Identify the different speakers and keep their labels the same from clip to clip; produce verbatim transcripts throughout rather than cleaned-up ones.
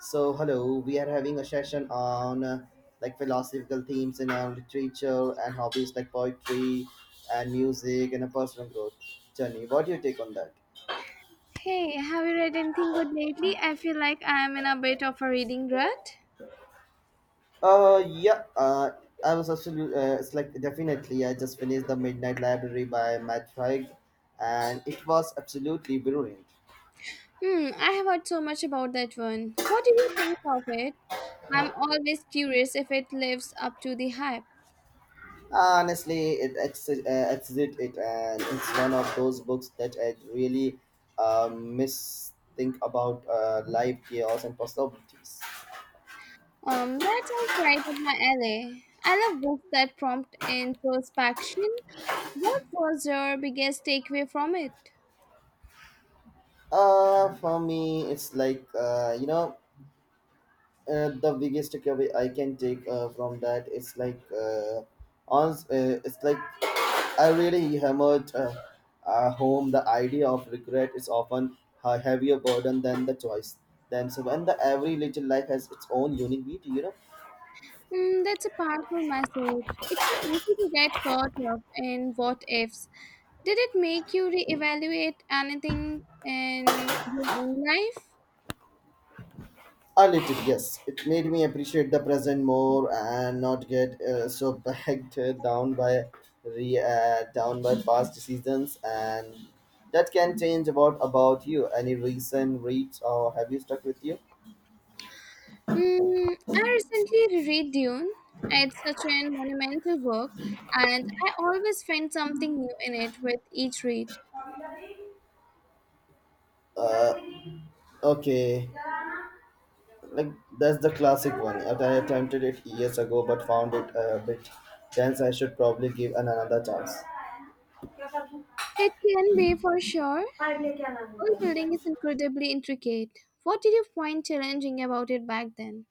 Speaker 1: So hello, we are having a session on uh, like philosophical themes in our literature and hobbies like poetry and music and a personal growth journey. What do you take on that?
Speaker 2: Hey, have you read anything good lately? I feel like I am in a bit of a reading rut.
Speaker 1: Uh, yeah. Uh, I was absolutely. Uh, it's like definitely. I just finished the Midnight Library by Matt Haig, and it was absolutely brilliant.
Speaker 2: Hmm, I have heard so much about that one. What do you think of it? I'm always curious if it lives up to the hype.
Speaker 1: Uh, Honestly, it ex- uh, exit it, and it's one of those books that I really uh, miss think about uh, life chaos and possibilities.
Speaker 2: Um, that sounds right up my alley. I love books that prompt introspection. What was your biggest takeaway from it?
Speaker 1: Uh, for me, it's like uh, you know uh, the biggest takeaway I can take uh, from that is like uh, on uh, it's like I really hammered uh, uh, home the idea of regret is often a heavier burden than the choice themselves, and the every little life has its own unique beauty. You know.
Speaker 2: Mm, that's a powerful message. It's so easy to get caught up in what ifs. Did it make you reevaluate anything in your own life?
Speaker 1: A little, yes. It made me appreciate the present more and not get uh, so bogged down by re, uh, down by past seasons. And that can change about about you. Any recent reads or have you stuck with you?
Speaker 2: Mm, I recently reread Dune. It's such a monumental work, and I always find something new in it with each read.
Speaker 1: Uh, okay, like that's the classic one. That I attempted it years ago, but found it a bit dense. I should probably give an another chance.
Speaker 2: It can be for sure. World building is incredibly intricate. What did you find challenging about it back then?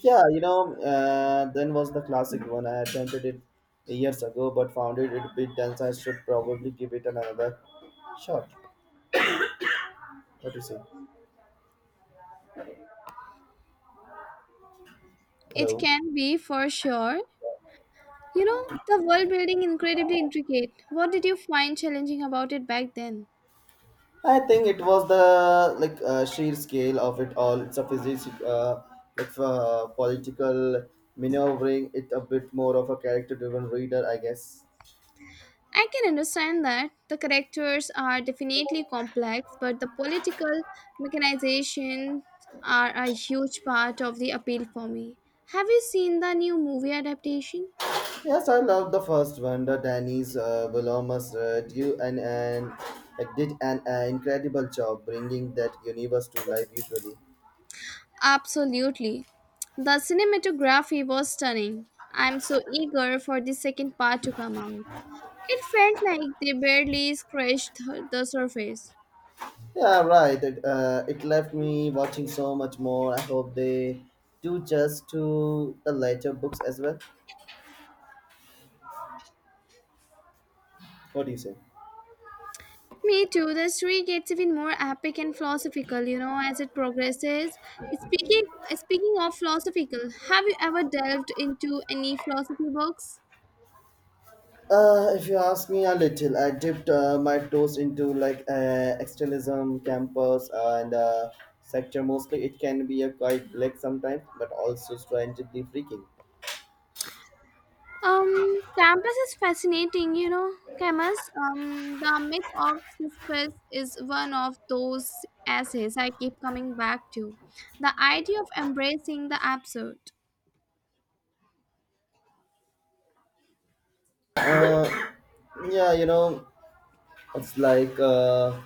Speaker 1: Yeah, you know, uh, then was the classic one. I attempted it years ago, but found it a bit dense. I should probably give it another shot. What do you say?
Speaker 2: It
Speaker 1: Hello.
Speaker 2: can be for sure. You know, the world building incredibly intricate. What did you find challenging about it back then?
Speaker 1: I think it was the like uh, sheer scale of it all. It's a physics, uh, like uh, political maneuvering. It a bit more of a character-driven reader, I guess.
Speaker 2: I can understand that the characters are definitely complex, but the political mechanizations are a huge part of the appeal for me. Have you seen the new movie adaptation?
Speaker 1: Yes, I love the first one. The Danny's uh, Wilhelmus uh, drew and, and did an uh, incredible job bringing that universe to life usually.
Speaker 2: Absolutely. The cinematography was stunning. I'm so eager for the second part to come out. It felt like they barely scratched the the surface.
Speaker 1: Yeah, right. It, uh, it left me watching so much more. I hope they do just to the later books as well. What do you say?
Speaker 2: Me too. The story gets even more epic and philosophical, you know, as it progresses. Speaking speaking of philosophical, have you ever delved into any philosophy books?
Speaker 1: Uh, if you ask me a little, I dipped uh, my toes into like uh, extremism, campus, uh, and uh, sector mostly. It can be a quite black sometimes, but also strangely freaking.
Speaker 2: Um, Campus is fascinating, you know, Camus. Um, The myth of Sisyphus is one of those essays I keep coming back to. The idea of embracing the absurd.
Speaker 1: Uh, yeah, you know, it's like uh,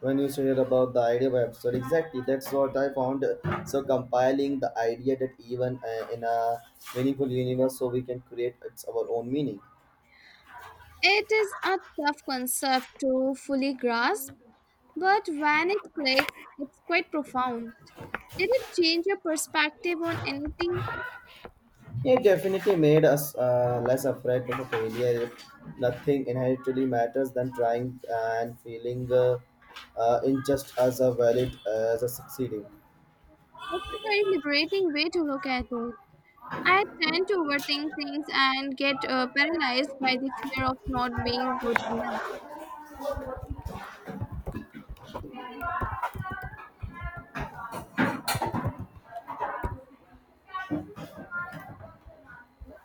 Speaker 1: when you said about the idea website, exactly. That's what I found. uh, So compiling the idea that even uh, in a meaningful universe, so we can create its our own meaning.
Speaker 2: It is a tough concept to fully grasp, but when it clicks, it's quite profound. Did it change your perspective on anything?
Speaker 1: It definitely made us uh, less afraid of failure. If nothing inherently matters than trying and feeling uh, uh, in just as a valid uh, as a succeeding.
Speaker 2: That's a very liberating way to look at it. I tend to overthink things and get uh, paralyzed by the fear of not being good enough.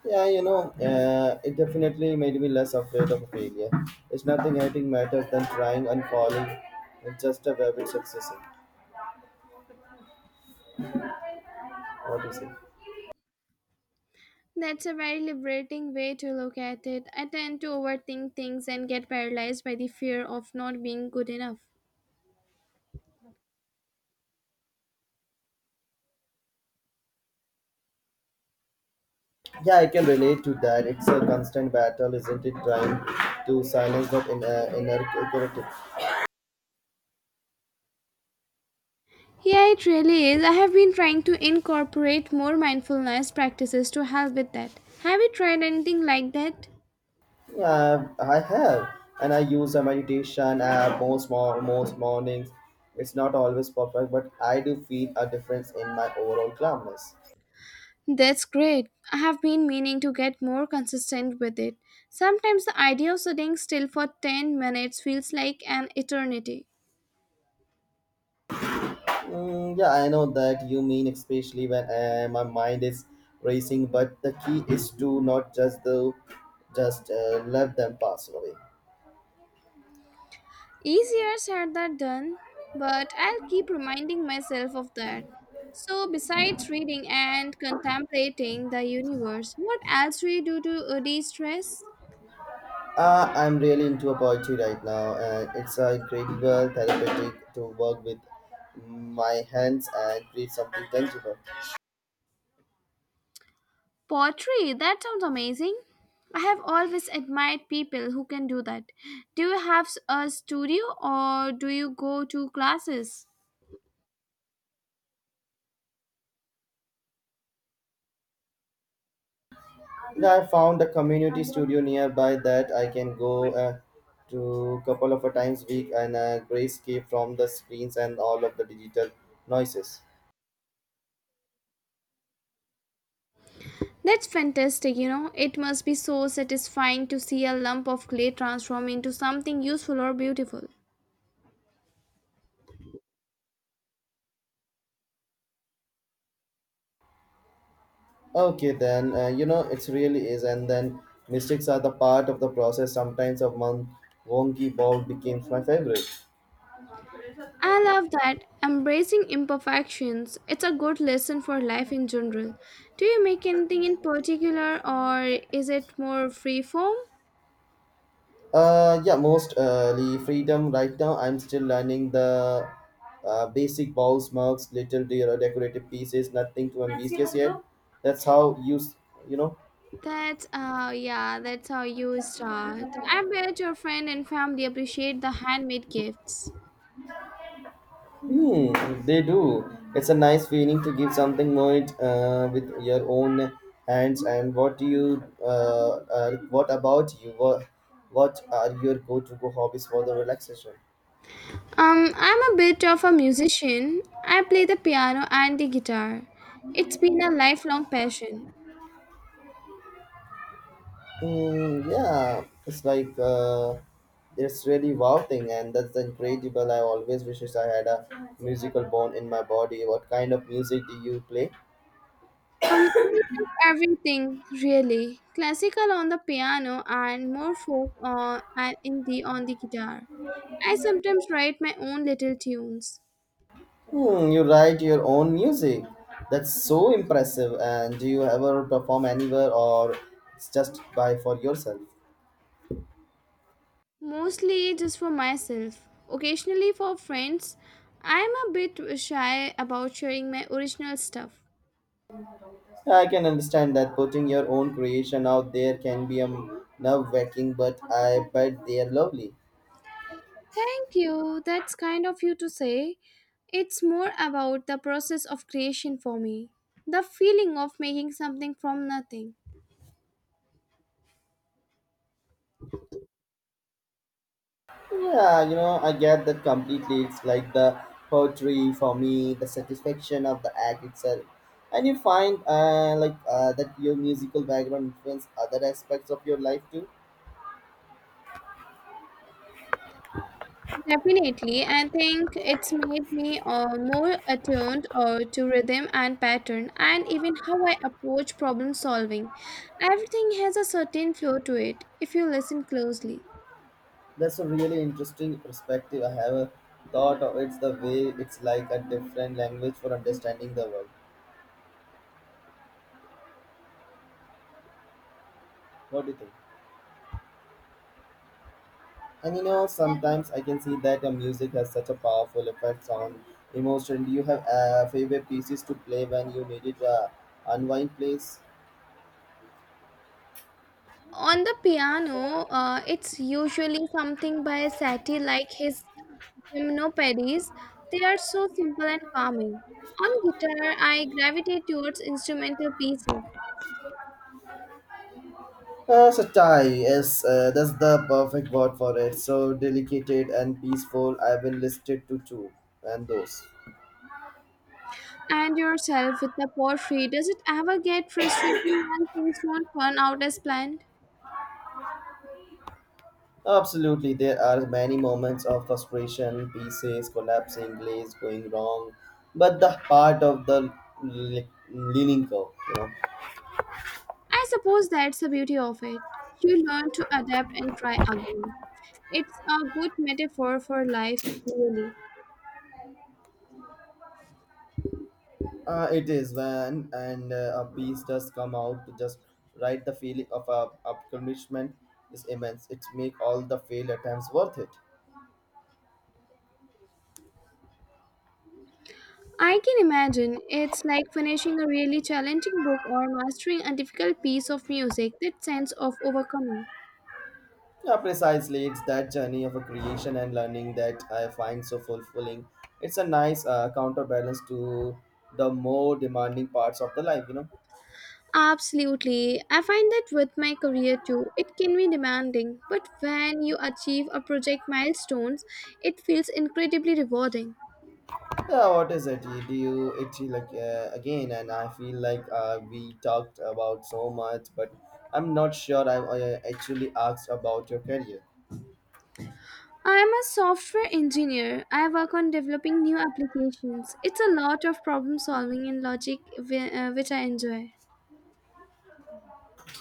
Speaker 1: Yeah, you know, uh, it definitely made me less afraid of failure. It's nothing hating matters than trying and falling and just a web it's successing. What do you say?
Speaker 2: That's a very liberating way to look at it. I tend to overthink things and get paralyzed by the fear of not being good enough.
Speaker 1: Yeah, I can relate to that. It's a constant battle, isn't it? Trying to silence that in, uh, inner critic.
Speaker 2: Yeah, it really is. I have been trying to incorporate more mindfulness practices to help with that. Have you tried anything like that?
Speaker 1: Yeah, I have, and I use a meditation app most mo- most mornings. It's not always perfect, but I do feel a difference in my overall calmness.
Speaker 2: That's great. I have been meaning to get more consistent with it. Sometimes the idea of sitting still for ten minutes feels like an eternity.
Speaker 1: Mm, yeah, I know that you mean, especially when uh, my mind is racing. But the key is to not just the just uh, let them pass away.
Speaker 2: Easier said than done, but I'll keep reminding myself of that. So, besides reading and contemplating the universe, what else do you do to uh, de stress?
Speaker 1: Uh, I'm really into a poetry right now, and it's a incredible therapeutic to work with my hands and create something tangible.
Speaker 2: Poetry, that sounds amazing. I have always admired people who can do that. Do you have s- a studio or do you go to classes?
Speaker 1: And I found a community studio nearby that I can go uh, to couple of a times week and uh, grayscape from the screens and all of the digital noises.
Speaker 2: That's fantastic, you know. It must be so satisfying to see a lump of clay transform into something useful or beautiful.
Speaker 1: Okay, then uh, you know it really is, and then mistakes are the part of the process. Sometimes a month wonky ball becomes my favorite.
Speaker 2: I love that. Embracing imperfections, it's a good lesson for life in general. Do you make anything in particular or is it more free form?
Speaker 1: Uh, yeah, most early freedom right now. I'm still learning the uh, basic balls, marks, little de- decorative pieces, nothing too ambitious yet. That's how you s- You know.
Speaker 2: That's uh yeah, that's how you start. I bet your friend and family appreciate the handmade gifts.
Speaker 1: Hmm, they do. It's a nice feeling to give something more it, uh, with your own hands. And what do you, uh, uh, what about you? What, what are your go-to-go hobbies for the relaxation?
Speaker 2: Um, I'm a bit of a musician. I play the piano and the guitar. It's been a lifelong passion.
Speaker 1: Mm, yeah, it's like uh, it's really wow thing, and that's incredible. I always wishes I had a musical bone in my body. What kind of music do you play?
Speaker 2: Um, a bit of everything, really. Classical on the piano and more folk on, and indie on the guitar. I sometimes write my own little tunes,
Speaker 1: Hmm, you write your own music. That's so impressive. And do you ever perform anywhere or it's just by for yourself?
Speaker 2: mostly just for myself, occasionally for friends. I'm a bit shy about sharing my original stuff.
Speaker 1: I can understand that putting your own creation out there can be um, nerve wracking, but I bet they are lovely.
Speaker 2: Thank you. That's kind of you to say. It's more about the process of creation for me, the feeling of making something from nothing.
Speaker 1: Yeah, you know, I get that completely. It's like the poetry for me, the satisfaction of the act itself. And you find uh, like uh, that your musical background influence other aspects of your life too.
Speaker 2: Definitely, I think it's made me uh, more attuned uh, to rhythm and pattern, and even how I approach problem solving. Everything has a certain flow to it if you listen closely.
Speaker 1: That's a really interesting perspective. I have a thought of it's the way it's like a different language for understanding the world. What do you think? And you know, sometimes I can see that a music has such a powerful effect on emotion. Do you have uh, favorite pieces to play when you needed a unwind place?
Speaker 2: On the piano, uh, it's usually something by Satie like his Gymnopedes, they are so simple and calming. On guitar, I gravitate towards instrumental pieces.
Speaker 1: Uh, so Thai, yes, uh, that's the perfect word for it. So delicate and peaceful. I've been listed to two and those.
Speaker 2: And yourself with the poetry, does it ever get frustrating when things don't turn out as planned?
Speaker 1: Absolutely, there are many moments of frustration, pieces collapsing, glaze going wrong, but the part of the li- leaning curve, you know,
Speaker 2: I suppose that's the beauty of it. You learn to adapt and try again. It's a good metaphor for life, really.
Speaker 1: uh, it is when and uh, a piece does come out to just right. The feeling of uh, accomplishment is immense. It make all the failed attempts worth it.
Speaker 2: I can imagine it's like finishing a really challenging book or mastering a difficult piece of music, that sense of overcoming.
Speaker 1: Yeah, precisely. It's that journey of a creation and learning that I find so fulfilling. It's a nice uh, counterbalance to the more demanding parts of the life, you know.
Speaker 2: Absolutely. I find that with my career too, it can be demanding, but when you achieve a project milestones, it feels incredibly rewarding.
Speaker 1: Yeah, what is it? You- Do you it like uh, again? And I feel like uh, we talked about so much, but I'm not sure I, I actually asked about your career.
Speaker 2: I am a software engineer. I work on developing new applications. It's a lot of problem solving and logic, whi- uh, which I enjoy.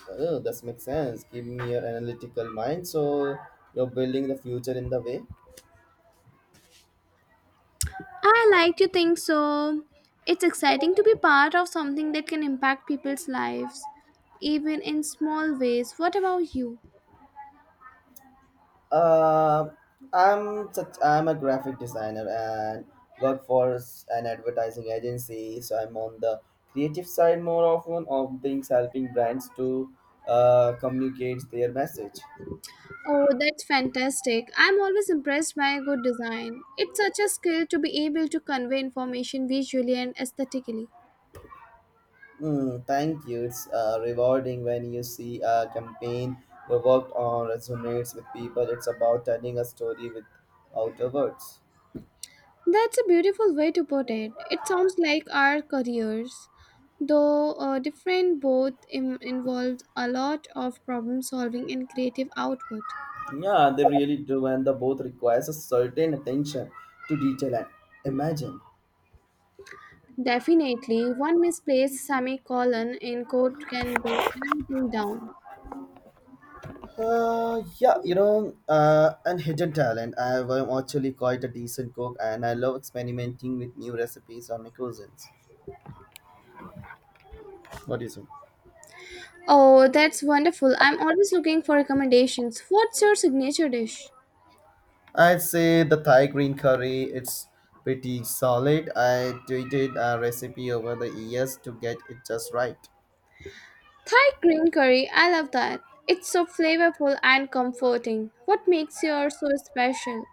Speaker 1: Oh, this makes sense. Give me your analytical mind, so you're building the future in the way.
Speaker 2: I like to think so. It's exciting to be part of something that can impact people's lives, even in small ways. What about you?
Speaker 1: Uh, I'm such, I'm a graphic designer and work for s- an advertising agency. So I'm on the creative side more often of things helping brands to uh, communicate their message.
Speaker 2: Oh, that's fantastic. I'm always impressed by a good design. It's such a skill to be able to convey information visually and aesthetically.
Speaker 1: Mm, thank you. It's uh, rewarding when you see a campaign you worked on resonates with people. It's about telling a story without a words.
Speaker 2: That's a beautiful way to put it. It sounds like our careers, though uh, different, both Im- involved a lot of problem solving and creative output.
Speaker 1: Yeah, they really do, and the both requires a certain attention to detail and imagine.
Speaker 2: Definitely, one misplaced semicolon in code can bring everything down.
Speaker 1: Uh, yeah, you know, uh, and hidden talent. I am actually quite a decent cook, and I love experimenting with new recipes on my cuisines. What do you think?
Speaker 2: Oh, that's wonderful. I'm always looking for recommendations. What's your signature dish?
Speaker 1: I'd say the Thai green curry, it's pretty solid. I tweeted a recipe over the years to get it just right.
Speaker 2: Thai green curry, I love that. It's so flavorful and comforting. What makes yours so special?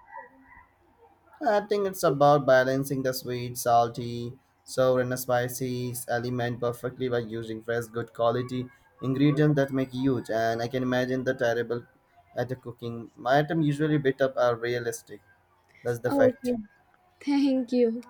Speaker 1: I think it's about balancing the sweet, salty, sour, and spicy element perfectly by using fresh, good quality ingredients that make huge. And I can imagine the terrible at the cooking. My item usually bit up are realistic. That's the
Speaker 2: Okay,
Speaker 1: fact.
Speaker 2: thank you.